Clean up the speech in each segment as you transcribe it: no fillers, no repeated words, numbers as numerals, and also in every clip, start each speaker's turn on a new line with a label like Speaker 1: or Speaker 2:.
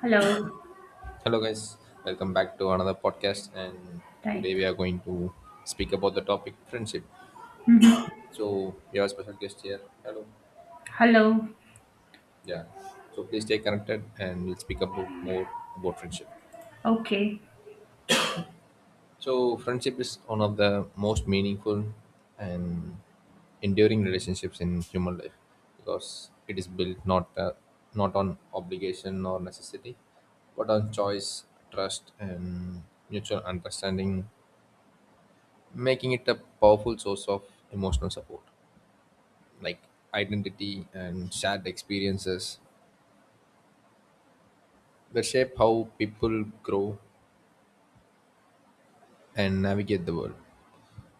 Speaker 1: Hello.
Speaker 2: Hello, guys. Welcome back to another podcast. And today
Speaker 1: Right.
Speaker 2: we are going to speak about the topic friendship.
Speaker 1: Mm-hmm.
Speaker 2: So we have a special guest here. Hello.
Speaker 1: Hello.
Speaker 2: Yeah. So please stay connected, and we'll speak about more about friendship.
Speaker 1: Okay.
Speaker 2: So friendship is one of the most meaningful and enduring relationships in human life, because it is built not on obligation or necessity, but on choice, trust, and mutual understanding, making it a powerful source of emotional support, like identity and shared experiences that shape how people grow and navigate the world.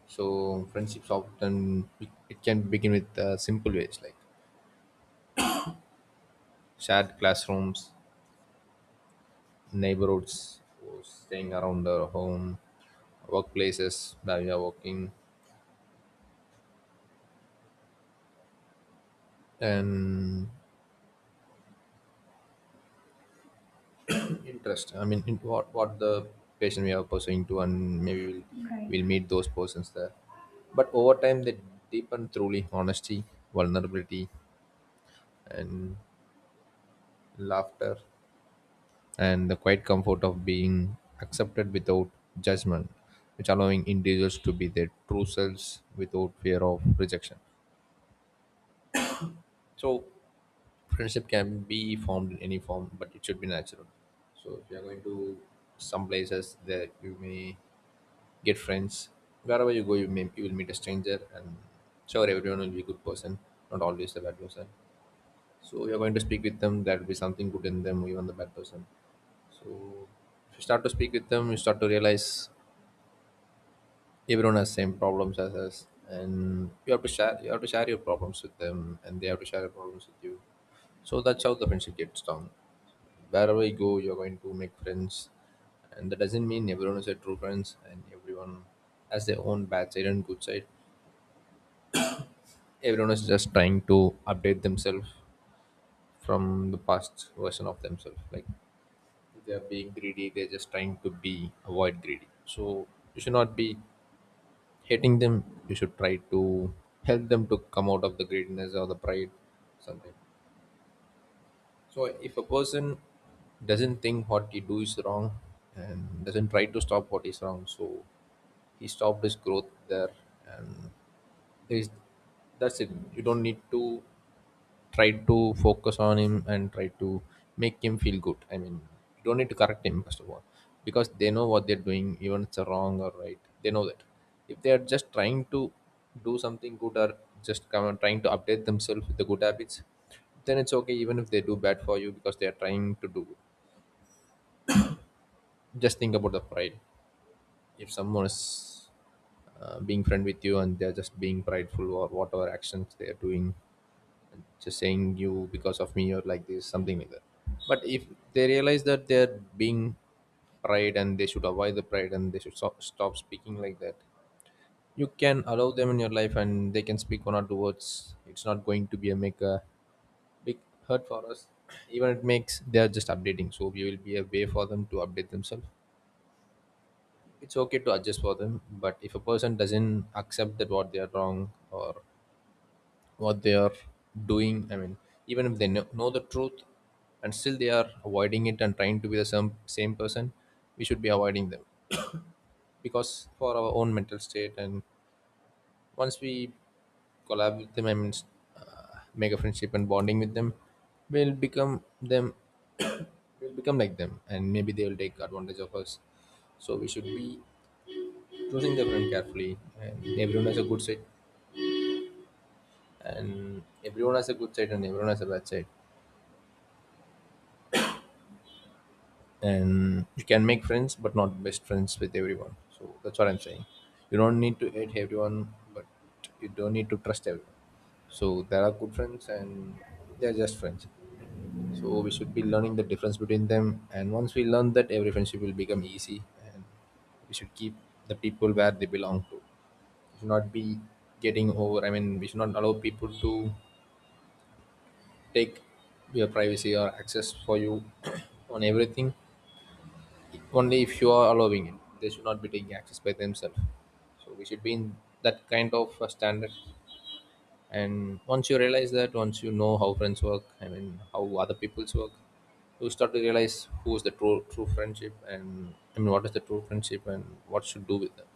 Speaker 2: So friendships often, it can begin with simple ways like shared classrooms, neighborhoods, or staying around our home, workplaces that we are working, and interest. I mean, in what the patient we are pursuing to, and maybe we'll,
Speaker 1: Right.
Speaker 2: we'll meet those persons there. But over time, they deepen truly, honesty, vulnerability, and laughter, and the quiet comfort of being accepted without judgment, which allowing individuals to be their true selves without fear of rejection. So friendship can be formed in any form, but it should be natural. So if you are going to some places that you may get friends. Wherever you go, you may, you will meet a stranger, and sure, everyone will be a good person, not always a bad person. So you're going to speak with them. That will be something good in them, even the bad person. So if you start to speak with them, you start to realize everyone has same problems as us, and you have to share your problems with them, and they have to share their problems with you. So that's how the friendship gets down. Wherever you go, you're going to make friends, and that doesn't mean everyone is a true friends, and everyone has their own bad side and good side. Everyone is just trying to update themselves from the past version of themselves, like they're being greedy, they're just trying to be avoid greedy. So you should not be hating them. You should try to help them to come out of the greediness or the pride, something. So if a person doesn't think what he do is wrong, and doesn't try to stop what is wrong, so he stopped his growth there. And there is, that's it. You don't need to tried to focus on him and tried to make him feel good. I mean, you don't need to correct him first of all, because they know what they're doing, even if it's a wrong or right. They know that. If they are just trying to do something good, or just come and trying to update themselves with the good habits, then it's okay even if they do bad for you, because they are trying to do good. Just think about the pride. If someone is being friend with you, and they're just being prideful or whatever actions they're doing, just saying you because of me, or like this something like that. But if they realize that they're being pride, and they should avoid the pride, and they should stop speaking like that, you can allow them in your life, and they can speak one or two words. It's not going to be a make a big hurt for us. Even it makes, they're just updating, so we will be a way for them to update themselves. It's okay to adjust for them. But if a person doesn't accept that what they're wrong or what they are doing, I mean, even if they know the truth, and still they are avoiding it and trying to be the same person, we should be avoiding them, because for our own mental state. And once we collab with them, I mean, make a friendship and bonding with them, we'll become them. We'll become like them, and maybe they will take advantage of us. So we should be choosing the friend carefully, and everyone has a good side, and everyone has a good side, and everyone has a bad side. And you can make friends, but not best friends with everyone. So that's what I'm saying. You don't need to hate everyone, but you don't need to trust everyone. So there are good friends, and they're just friends. So we should be learning the difference between them, and once we learn that, every friendship will become easy. And we should keep the people where they belong to. We should not be getting over, I mean, we should not allow people to take your privacy or access for you on everything, only if you are allowing it. They should not be taking access by themselves. So we should be in that kind of a standard. And once you realize that, once you know how friends work, I mean how other people's work, you start to realize who is the true friendship, and I mean what is the true friendship, and what should do with them.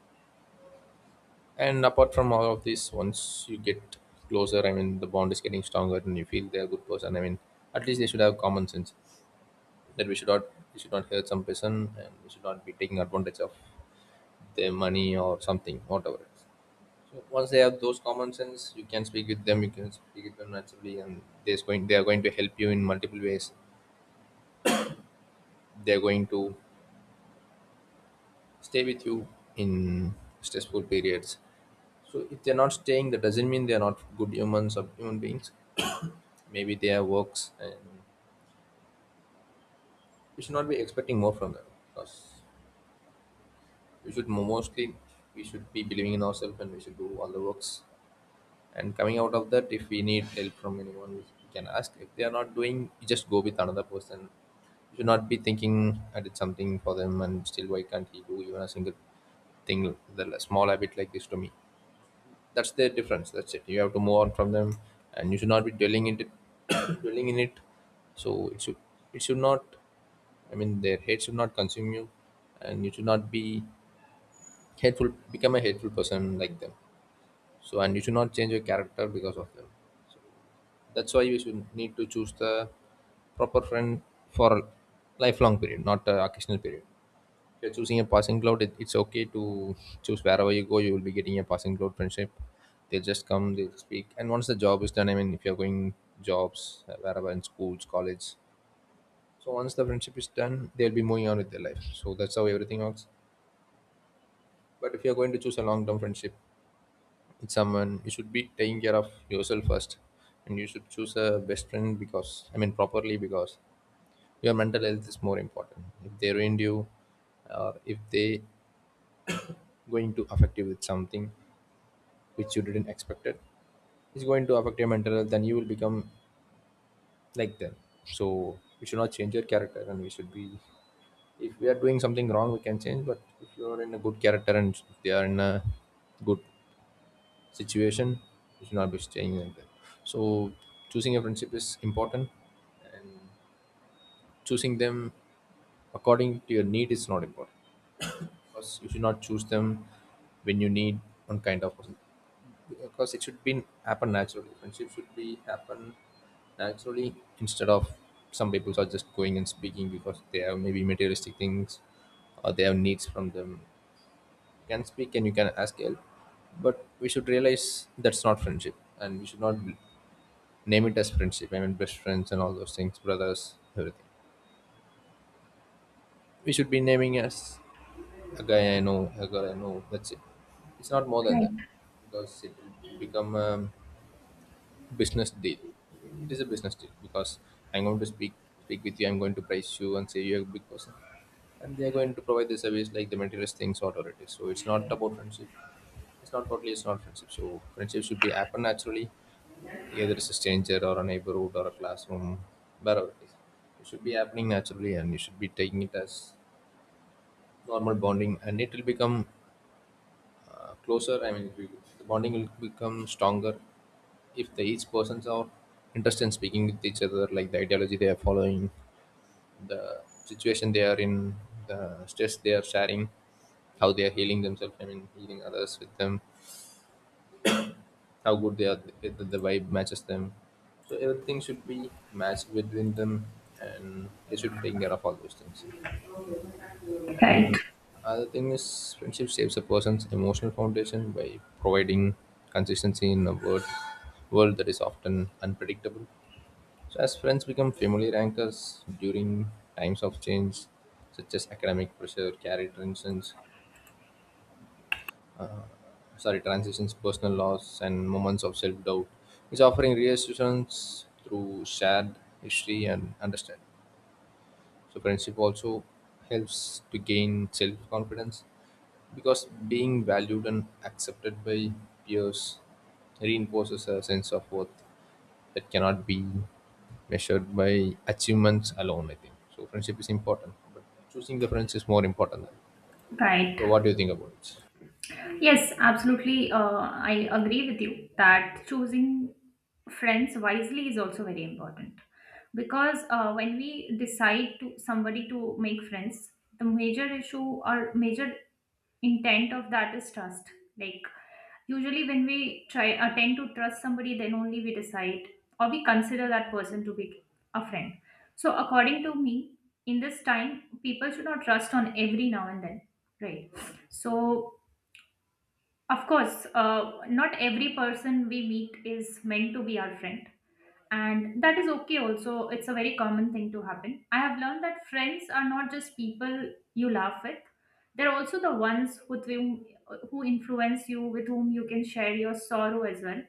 Speaker 2: And apart from all of this, once you get closer, I mean the bond is getting stronger, and you feel they're a good person. I mean, at least they should have common sense that we should not hurt some person, and we should not be taking advantage of their money or something, whatever. So once they have those common sense, you can speak with them. You can speak with them naturally, and there's going they are going to help you in multiple ways. They're going to stay with you in stressful periods. So if they're not staying, that doesn't mean they're not good humans or human beings. Maybe they have works, and we should not be expecting more from them. Because we should mostly, we should be believing in ourselves, and we should do all the works. And coming out of that, if we need help from anyone, we can ask. If they are not doing, you just go with another person. You should not be thinking, I did something for them, and still why can't he do even a single thing, the small habit like this to me. That's the difference. That's it. You have to move on from them, and you should not be dwelling in it. Dwelling in it. So it should, it should not, I mean, their hate should not consume you, and you should not be hateful, become a hateful person like them. So and you should not change your character because of them. That's why we should need to choose the proper friend for a lifelong period, not a occasional period. If you're choosing a passing cloud, it's okay to choose. Wherever you go, you will be getting a passing cloud friendship. They'll just come, they'll speak. And once the job is done, I mean, if you're going jobs, wherever in schools, college, so once the friendship is done, they'll be moving on with their life. So that's how everything works. But if you're going to choose a long term friendship with someone, you should be taking care of yourself first. And you should choose a best friend, because, I mean, properly, because your mental health is more important. If they ruined you, or if they going to affect you with something which you didn't expect, it is going to affect your mental health, then you will become like them. So we should not change your character, and we should be, if we are doing something wrong, we can change. But if you are in a good character, and if they are in a good situation, you should not be staying like that. So choosing a friendship is important, and choosing them according to your need is not important, because you should not choose them when you need one kind of person. Because it should be happen naturally. Friendship should be happen naturally, instead of some people are just going and speaking because they have maybe materialistic things, or they have needs from them. You can speak and you can ask help, but we should realize that's not friendship, and we should not name it as friendship, I mean best friends and all those things, brothers, everything. We should be naming as a guy I know, a girl I know. That's it. It's not more than
Speaker 1: Right.
Speaker 2: that, because it will become a business deal. It is a business deal because I'm going to speak with you. I'm going to price you and say you're a big person, and they are going to provide the service like the materialist things, whatever it is. So it's not about friendship. It's not totally. It's not friendship. So friendship should be happen naturally, either it's a stranger or a neighborhood or a classroom, wherever it is. It should be happening naturally, and you should be taking it as normal bonding, and it will become closer. I mean, the bonding will become stronger if the each persons are interested in speaking with each other, like the ideology they are following, the situation they are in, the stress they are sharing, how they are healing themselves. I mean, healing others with them, how good they are, whether the vibe matches them. So everything should be matched between them, and they should be taking care of all those things.
Speaker 1: Right.
Speaker 2: And other thing is, friendship shapes a person's emotional foundation by providing consistency in a world that is often unpredictable. So, as friends become familiar anchors during times of change, such as academic pressure, career transitions, sorry, transitions, personal loss, and moments of self doubt, is offering reassurance through shared history and understanding. So, friendship also helps to gain self confidence because being valued and accepted by peers reinforces a sense of worth that cannot be measured by achievements alone, I think. So, friendship is important, but choosing the friends is more important. Than.
Speaker 1: Right.
Speaker 2: So, what do you think about it?
Speaker 1: Yes, absolutely. I agree with you that choosing friends wisely is also very important because when we decide to somebody to make friends, the major issue or major intent of that is trust. Like usually when we try attend to trust somebody, then only we decide or we consider that person to be a friend. So according to me, in this time, people should not trust on every now and then, right? So of course, not every person we meet is meant to be our friend, and that is okay also. It's a very common thing to happen. I have learned that friends are not just people you laugh with. They're also the ones with whom who influence you, with whom you can share your sorrow as well,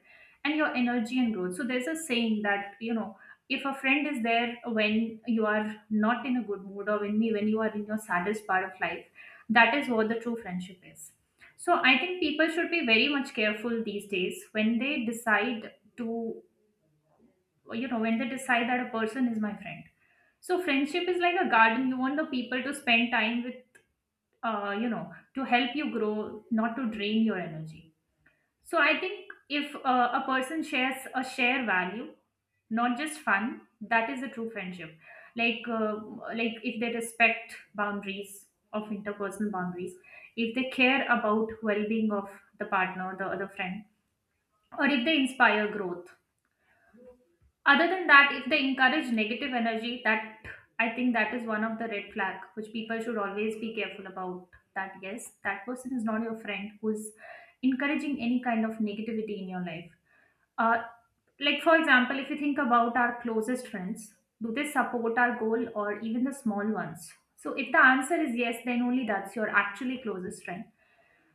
Speaker 1: and your energy and growth. So there's a saying that, you know, if a friend is there when you are not in a good mood or when you are in your saddest part of life, that is what the true friendship is. So I think people should be very much careful these days when they decide to, you know, when they decide that a person is my friend. So friendship is like a garden. You want the people to spend time with, you know, to help you grow, not to drain your energy. So I think if a person shares a share value, not just fun, that is a true friendship. like uh, like if they respect boundaries, of interpersonal boundaries, if they care about well-being of the partner, the other friend, or if they inspire growth. Other than that, if they encourage negative energy, that I think that is one of the red flag which people should always be careful about. That yes, that person is not your friend who's encouraging any kind of negativity in your life. Uh, like for example, if you think about our closest friends, do they support our goal or even the small ones? So if the answer is yes, then only that's your actually closest friend.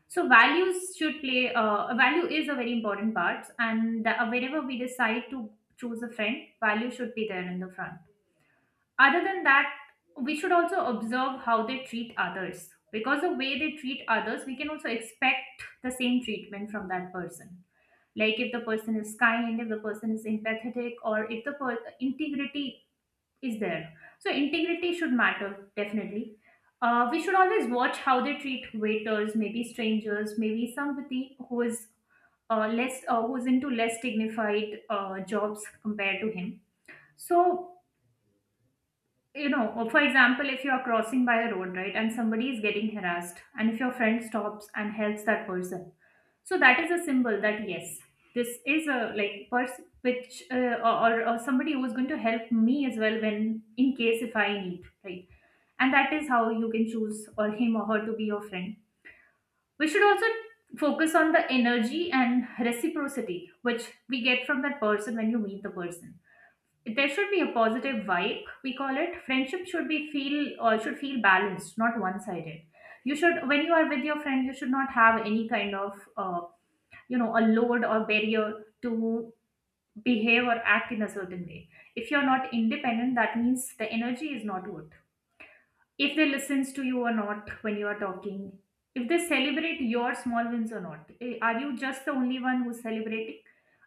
Speaker 1: So values should play a value is a very important part, and whenever we decide to choose a friend, value should be there in the front. Other than that, we should also observe how they treat others, because the way they treat others, we can also expect the same treatment from that person. Like if the person is kind, if the person is empathetic, or if the integrity is there. So integrity should matter definitely. We should always watch how they treat waiters, maybe strangers, maybe somebody who is less who's into less dignified jobs compared to him. So you know, or for example, if you are crossing by a road, right, and somebody is getting harassed and if your friend stops and helps that person, so that is a symbol that yes, this is a like person which or somebody who is going to help me as well when in case if I need, right? And that is how you can choose or him or her to be your friend. We should also focus on the energy and reciprocity which we get from that person. When you meet the person, there should be a positive vibe. We call it friendship should be feel or should feel balanced, not one sided. You should, when you are with your friend, you should not have any kind of you know, a load or barrier to behave or act in a certain way. If you're not independent, that means the energy is not good. If they listens to you or not when you are talking, if they celebrate your small wins or not. Eh, are you just the only one who's celebrating?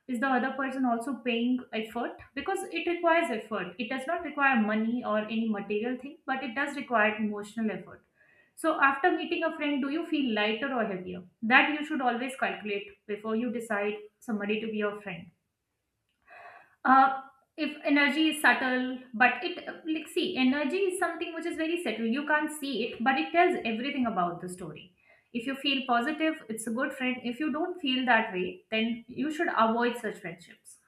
Speaker 1: Is the other person also paying effort? Because it requires effort. It does not require money or any material thing, but it does require emotional effort. So after meeting a friend, do you feel lighter or heavier? That you should always calculate before you decide somebody to be your friend. uh, if energy is subtle, but it like see, energy is something which is very subtle. You can't see it, but it tells everything about the story. If you feel positive, it's a good friend. If you don't feel that way, then you should avoid such friendships.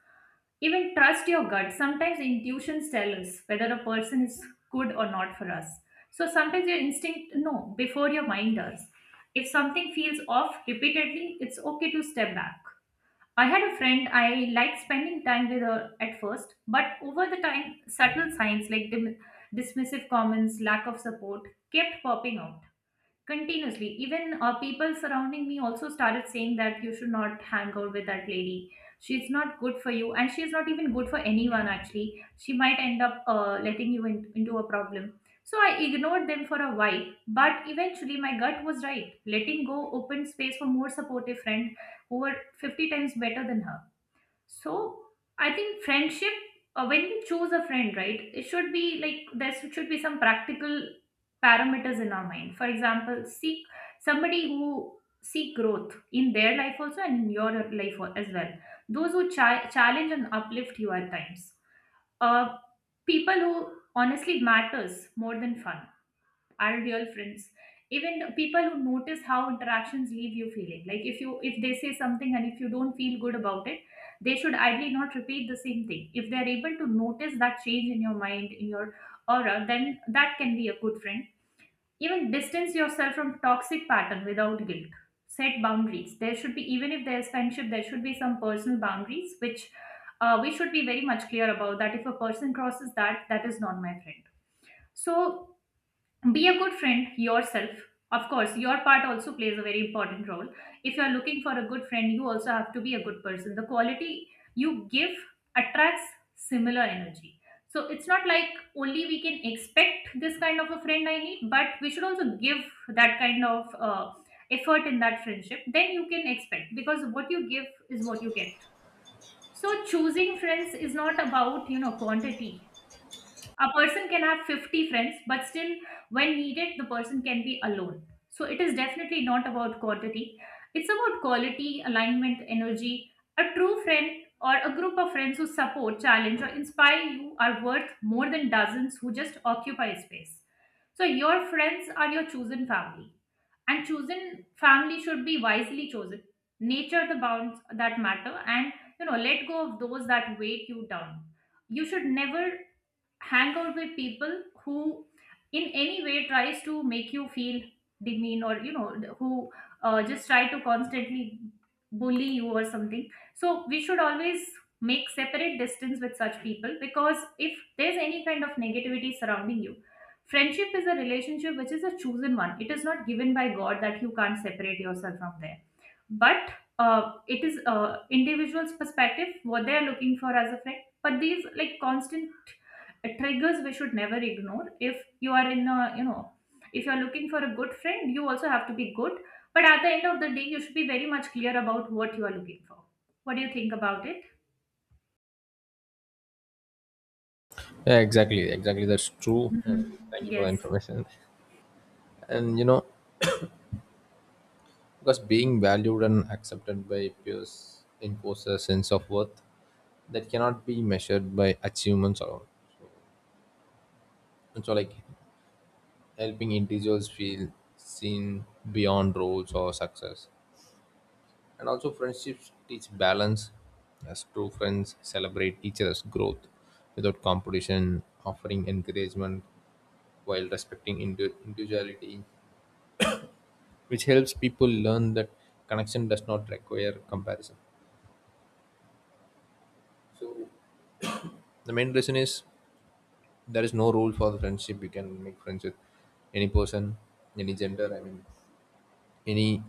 Speaker 1: Even trust your gut. Sometimes intuitions tell us whether a person is good or not for us. So sometimes your instinct no before your mind does. If something feels off repeatedly, it's okay to step back. I had a friend I liked spending time with her at first, but over the time, subtle signs like dismissive comments, lack of support kept popping up continuously. Even people surrounding me also started saying that you should not hang out with that lady. She's not good for you, and she's not even good for anyone actually. She might end up letting you in, into a problem. So I ignored them for a while, but eventually my gut was right. Letting go opened space for more supportive friend who were 50 times better than her. So I think friendship, when we choose a friend, right, it should be like there should be some practical parameters in our mind. For example, seek somebody who seek growth in their life also and in your life as well. Those who challenge and uplift you at times. Uh, People who honestly matters more than fun are real friends. Even people who notice how interactions leave you feeling, like if you, if they say something and if you don't feel good about it, they should ideally not repeat the same thing. If they are able to notice that change in your mind, in your aura, then that can be a good friend. Even distance yourself from toxic pattern without guilt. Set boundaries. There should be, even if there's friendship, there should be some personal boundaries which we should be very much clear about. That if a person crosses that, that is not my friend. So be a good friend yourself. Of course your part also plays a very important role. If you are looking for a good friend, you also have to be a good person. The quality you give attracts similar energy. So it's not like only we can expect this kind of a friend I need, but we should also give that kind of effort in that friendship. Then you can expect, because what you give is what you get. So choosing friends is not about, you know, quantity. A person can have 50 friends, but still when needed, the person can be alone. So it is definitely not about quantity. It's about quality, alignment, energy. A true friend or a group of friends who support, challenge, or inspire you are worth more than dozens who just occupy space. So your friends are your chosen family, and chosen family should be wisely chosen. Nature the bounds that matter, and you know, let go of those that weight you down. You should never hang out with people who in any way tries to make you feel demean, or you know, who just try to constantly bully you or something. So we should always make separate distance with such people, because if there's any kind of negativity surrounding you, friendship is a relationship which is a chosen one. It is not given by god that you can't separate yourself from there. But it is individual's perspective what they are looking for as a friend. But these like constant triggers we should never ignore. If you are in a, you know, if you are looking for a good friend, you also have to be good. But at the end of the day, you should be very much clear about what you are looking for. What do you think about it?
Speaker 2: Yeah, exactly, exactly. That's true. And
Speaker 1: Mhm.
Speaker 2: thank you for the
Speaker 1: Yes,
Speaker 2: information. And you know, because being valued and accepted by peers enforces a sense of worth that cannot be measured by achievements alone. And so, like helping individuals feel seen beyond roles or success. And also, friendships teach balance as true friends celebrate each other's growth without competition, offering encouragement while respecting individuality, which helps people learn that connection does not require comparison. So, the main reason is there is no rule for the friendship. You can make friends with any person, any gender, I mean, any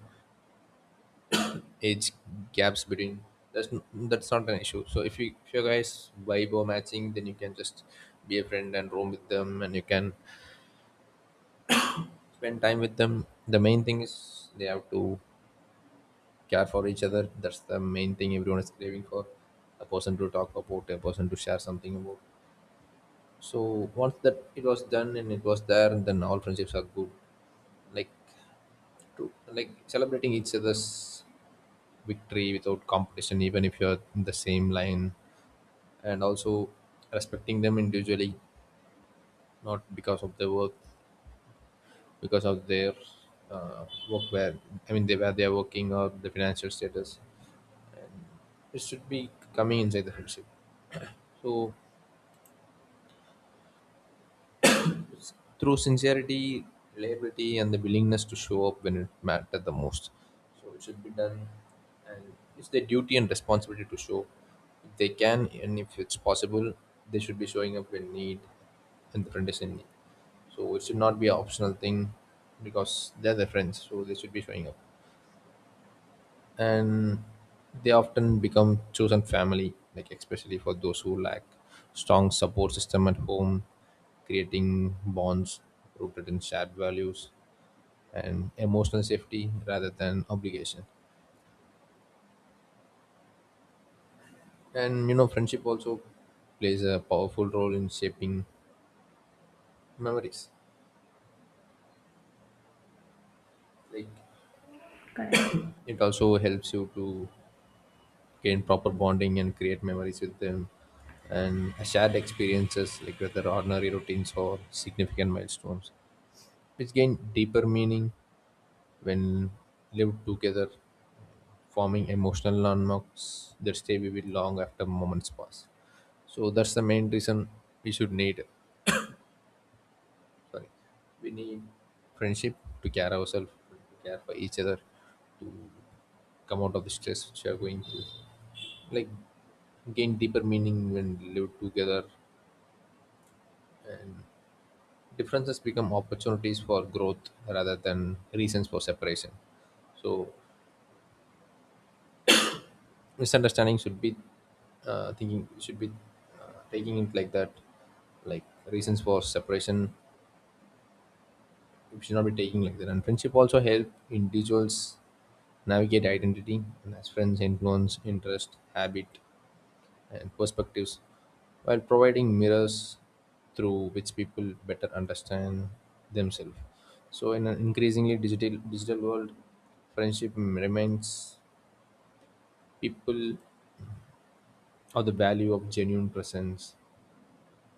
Speaker 2: age gaps between that's not an issue. So if you, if your guys vibe or matching, then you can just be a friend and roam with them, and you can spend time with them. The main thing is they have to care for each other. That's the main thing. Everyone is craving for a person to talk about, a person to share something about. So once that it was done and it was there, then all friendships are good, like to, like celebrating each other's victory without competition, even if you're in the same line, and also respecting them individually, not because of their work, because of their uh, work, where I mean they, where they are working, or the financial status, and it should be coming inside the friendship. So s- through sincerity, reliability, and the willingness to show up when it matters the most. So it should be done. And it's their duty and responsibility to show if they can, and if it's possible, they should be showing up when need and the friend is in need. So it should not be an optional thing because they're their friends, so they should be showing up. And they often become chosen family, like especially for those who lack strong support system at home, creating bonds rooted in shared values and emotional safety rather than obligation. And you know, friendship also plays a powerful role in shaping memories. Like
Speaker 1: correct.
Speaker 2: it also helps you to gain proper bonding and create memories with them, and shared experiences like whether ordinary routines or significant milestones, which gain deeper meaning when lived together, forming emotional landmarks that stay vivid long after moments pass. So that's the main reason we should need sorry we need friendship, to care ourselves, to care for each other, to come out of the stress which we are going through, like gain deeper meaning when lived together. And differences become opportunities for growth rather than reasons for separation. So misunderstanding should be, thinking should be, taking it like that, like reasons for separation. We should not be taking like that. And friendship also help individuals navigate identity, and as friends influence interest habit and perspectives, while providing mirrors through which people better understand themselves. So, in an increasingly digital world, friendship reminds people of the value of genuine presence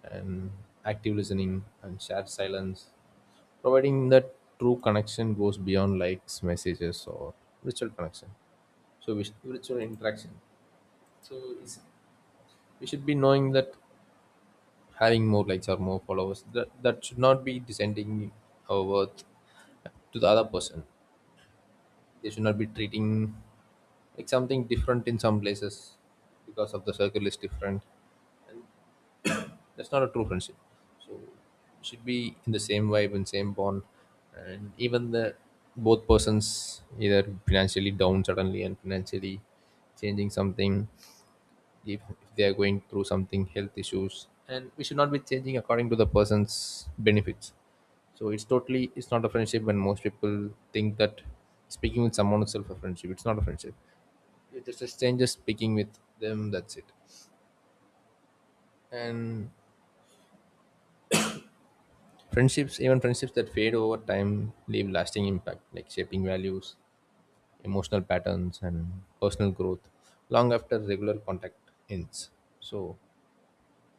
Speaker 2: and active listening and shared silence, providing that true connection goes beyond likes, messages, or virtual connection. So, virtual interaction. So, we should be knowing that having more likes or more followers, that should not be descending our worth to the other person. They should not be treating like something different in some places because of the circle is different. That's not a true friendship. So should be in the same vibe and same bond, and even the both persons, either financially down suddenly and financially changing something, if they are going through something health issues, and we should not be changing according to the person's benefits. So it's totally, it's not a friendship when most people think that speaking with someone itself a friendship. It's not a friendship. It's just a stranger speaking with them, that's it. And friendships, even friendships that fade over time leave lasting impact, like shaping values, emotional patterns, and personal growth long after regular contact ends. So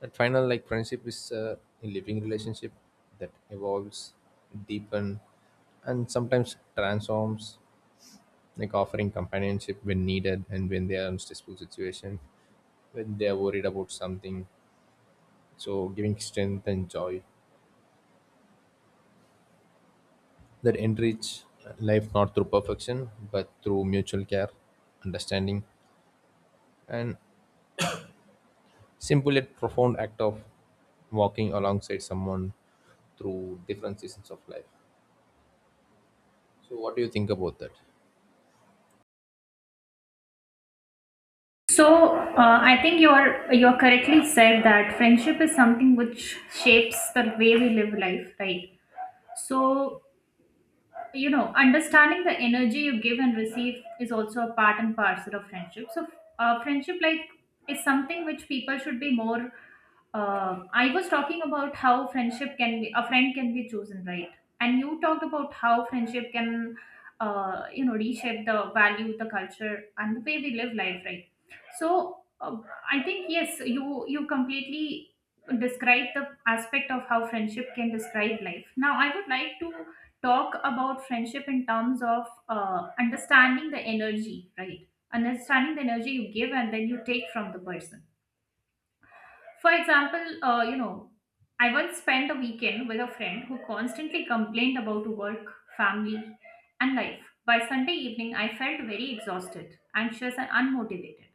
Speaker 2: that final, like friendship is, a living relationship that evolves, deepen, and sometimes transforms, like offering companionship when needed, and when they are in stressful situation, when they are worried about something. So giving strength and joy that enrich life, not through perfection but through mutual care, understanding, and simple yet profound act of walking alongside someone through different seasons of life. So what do you think about that?
Speaker 1: So I think you are correctly said that friendship is something which shapes the way we live life, right? So you know, understanding the energy you give and receive is also a part and parcel of friendship. So friendship like is something which people should be more. I was talking about how friendship can be, a friend can be chosen, right? And you talked about how friendship can, you know, reshape the value, the culture, and the way we live life, right? So I think yes, you completely describe the aspect of how friendship can describe life. Now I would like to talk about friendship in terms of understanding the energy, right? Understanding the energy you give and then you take from the person, for example, I once spent a weekend with a friend who constantly complained about work, family, and life. By Sunday evening, I felt very exhausted, anxious, and unmotivated.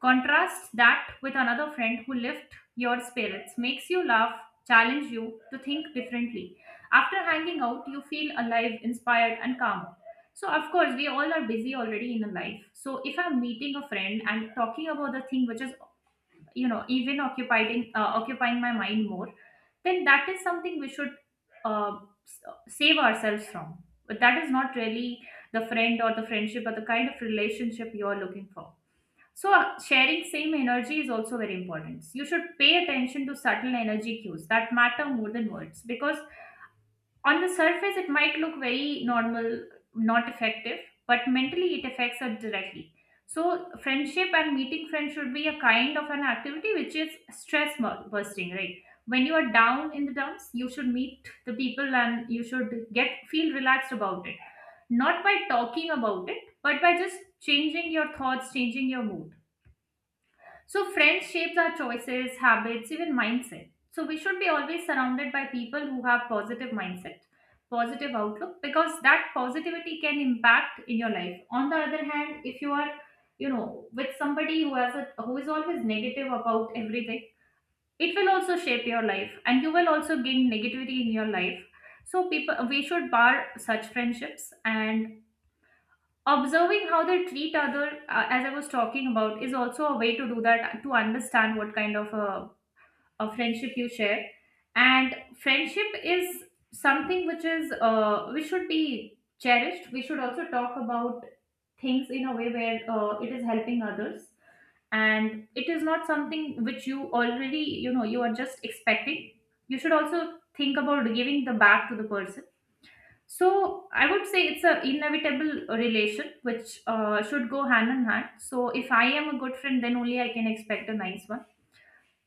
Speaker 1: Contrast that with another friend who lifts your spirits, makes you laugh, challenge you to think differently. After hanging out, you feel alive, inspired, and calm. So, of course, we all are busy already in a life. So, if I'm meeting a friend and talking about the thing which is, even occupying my mind more, then that is something we should uh, s- save ourselves from, but that is not really the friend or the friendship or the kind of relationship you are looking for. So, sharing same energy is also very important. You should pay attention to subtle energy cues that matter more than words, because on the surface it might look very normal, not effective, but mentally it affects us directly. So friendship and meeting friends should be a kind of an activity which is bursting, right? When you are down in the dumps, you should meet the people and you should get feel relaxed about it, not by talking about it, but by just changing your thoughts, changing your mood. So, friends shapes our choices, habits, even mindset. So, we should be always surrounded by people who have positive mindset, positive outlook, because that positivity can impact in your life. On the other hand, if you are, with somebody who has a who is always negative about everything, it will also shape your life, and you will also gain negativity in your life. So, people, we should bar such friendships, and observing how they treat other, as I was talking about, is also a way to do that, to understand what kind of a friendship you share. And friendship is something which is, we should be cherished. We should also talk about things in a way where, it is helping others, and it is not something which you already, you are just expecting. You should also think about giving the back to the person. So I would say it's a inevitable relation which, should go hand in hand. So if I am a good friend, then only I can expect a nice one.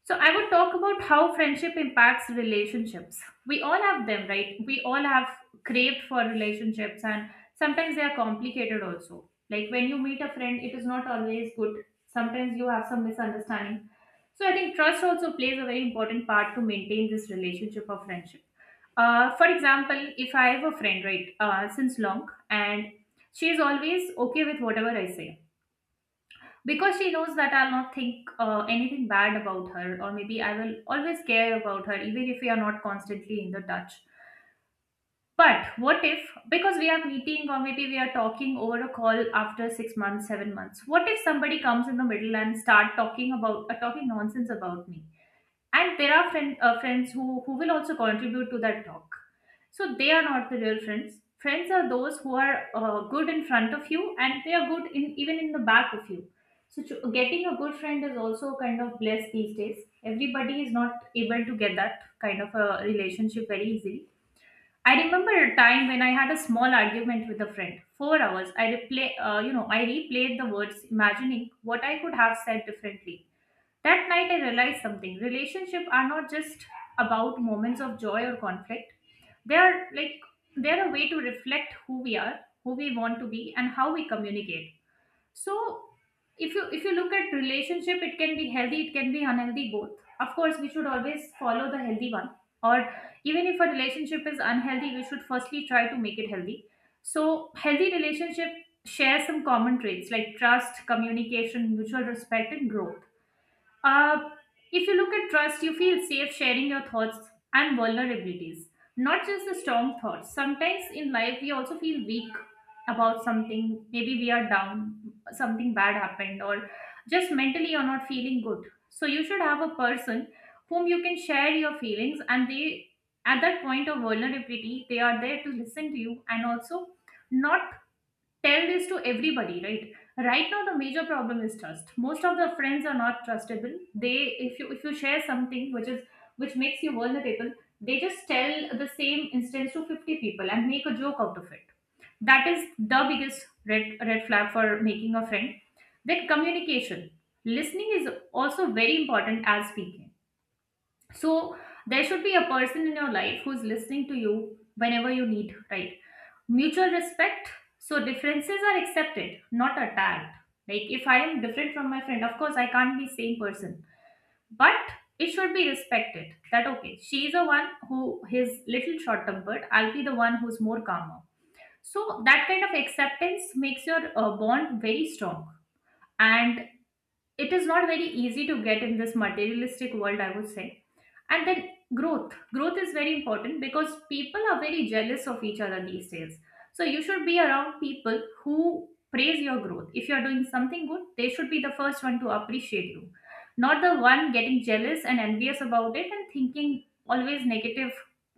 Speaker 1: So I would talk about how friendship impacts relationships. We all have them, right? We all have craved for relationships, and sometimes they are complicated also. Like when you meet a friend, it is not always good. Sometimes you have some misunderstanding. So I think trust also plays a very important part to maintain this relationship or friendship. For example, if I have a friend, right, since long, and she is always okay with whatever I say, because she knows that I'll not think anything bad about her, or maybe I will always care about her, even if we are not constantly in the touch. But what if, because we are meeting or maybe we are talking over a call after 6 months, 7 months, what if somebody comes in the middle and start talking about, talking nonsense about me? And there are friends who will also contribute to that talk. So they are not the real friends. Friends are those who are good in front of you, and they are good in even in the back of you. So getting a good friend is also kind of blessed. These days everybody is not able to get that kind of a relationship very easily. I remember a time when I had a small argument with a friend. 4 hours. I replayed the words, imagining what I could have said differently. That night, I realized something. Relationships are not just about moments of joy or conflict. They are like, they're a way to reflect who we are, who we want to be, and how we communicate. So, if you look at relationship, it can be healthy, it can be unhealthy, both. Of course, we should always follow the healthy one. Or even if a relationship is unhealthy, we should firstly try to make it healthy. So, healthy relationship share some common traits like trust, communication, mutual respect, and growth. uh, if you look at trust, you feel safe sharing your thoughts and vulnerabilities, not just the strong thoughts. Sometimes in life, we also feel weak about something. Maybe we are down, something bad happened, or just mentally you're not feeling good. So you should have a person whom you can share your feelings, and they, at that point of vulnerability, they are there to listen to you and also not tell this to everybody, right? Right now the major problem is trust. Most of the friends are not trustable. They, if you share something which is, which makes you vulnerable, they just tell the same instance to 50 people and make a joke out of it. That is the biggest red flag for making a friend. Then communication, listening is also very important as speaking. So there should be a person in your life who's listening to you whenever you need, right? Mutual respect, so differences are accepted, not attacked. Like if I am different from my friend, of course I can't be same person, but it should be respected that okay, she is the one who is little short tempered, I'll be the one who's more calmer. So that kind of acceptance makes your bond very strong, and it is not very easy to get in this materialistic world, I would say. And then growth is very important because people are very jealous of each other these days. So you should be around people who praise your growth. If you are doing something good, they should be the first one to appreciate you, not the one getting jealous and envious about it and thinking always negative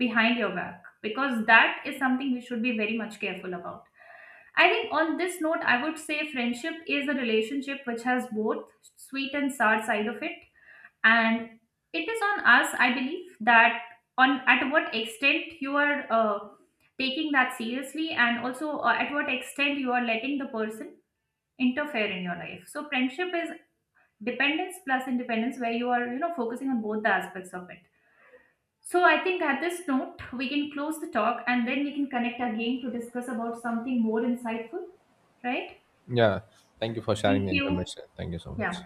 Speaker 1: behind your back, because that is something we should be very much careful about. I think on this note, I would say friendship is a relationship which has both sweet and sour side of it, and it is on us, I believe, that on at what extent you are taking that seriously, and also at what extent you are letting the person interfere in your life. So friendship is dependence plus independence, where you are, focusing on both the aspects of it. So I think at this note we can close the talk, and then we can connect again to discuss about something more insightful, right?
Speaker 2: Yeah. Thank you for sharing the
Speaker 1: Thank you.
Speaker 2: information. Thank you so much.
Speaker 1: Yeah.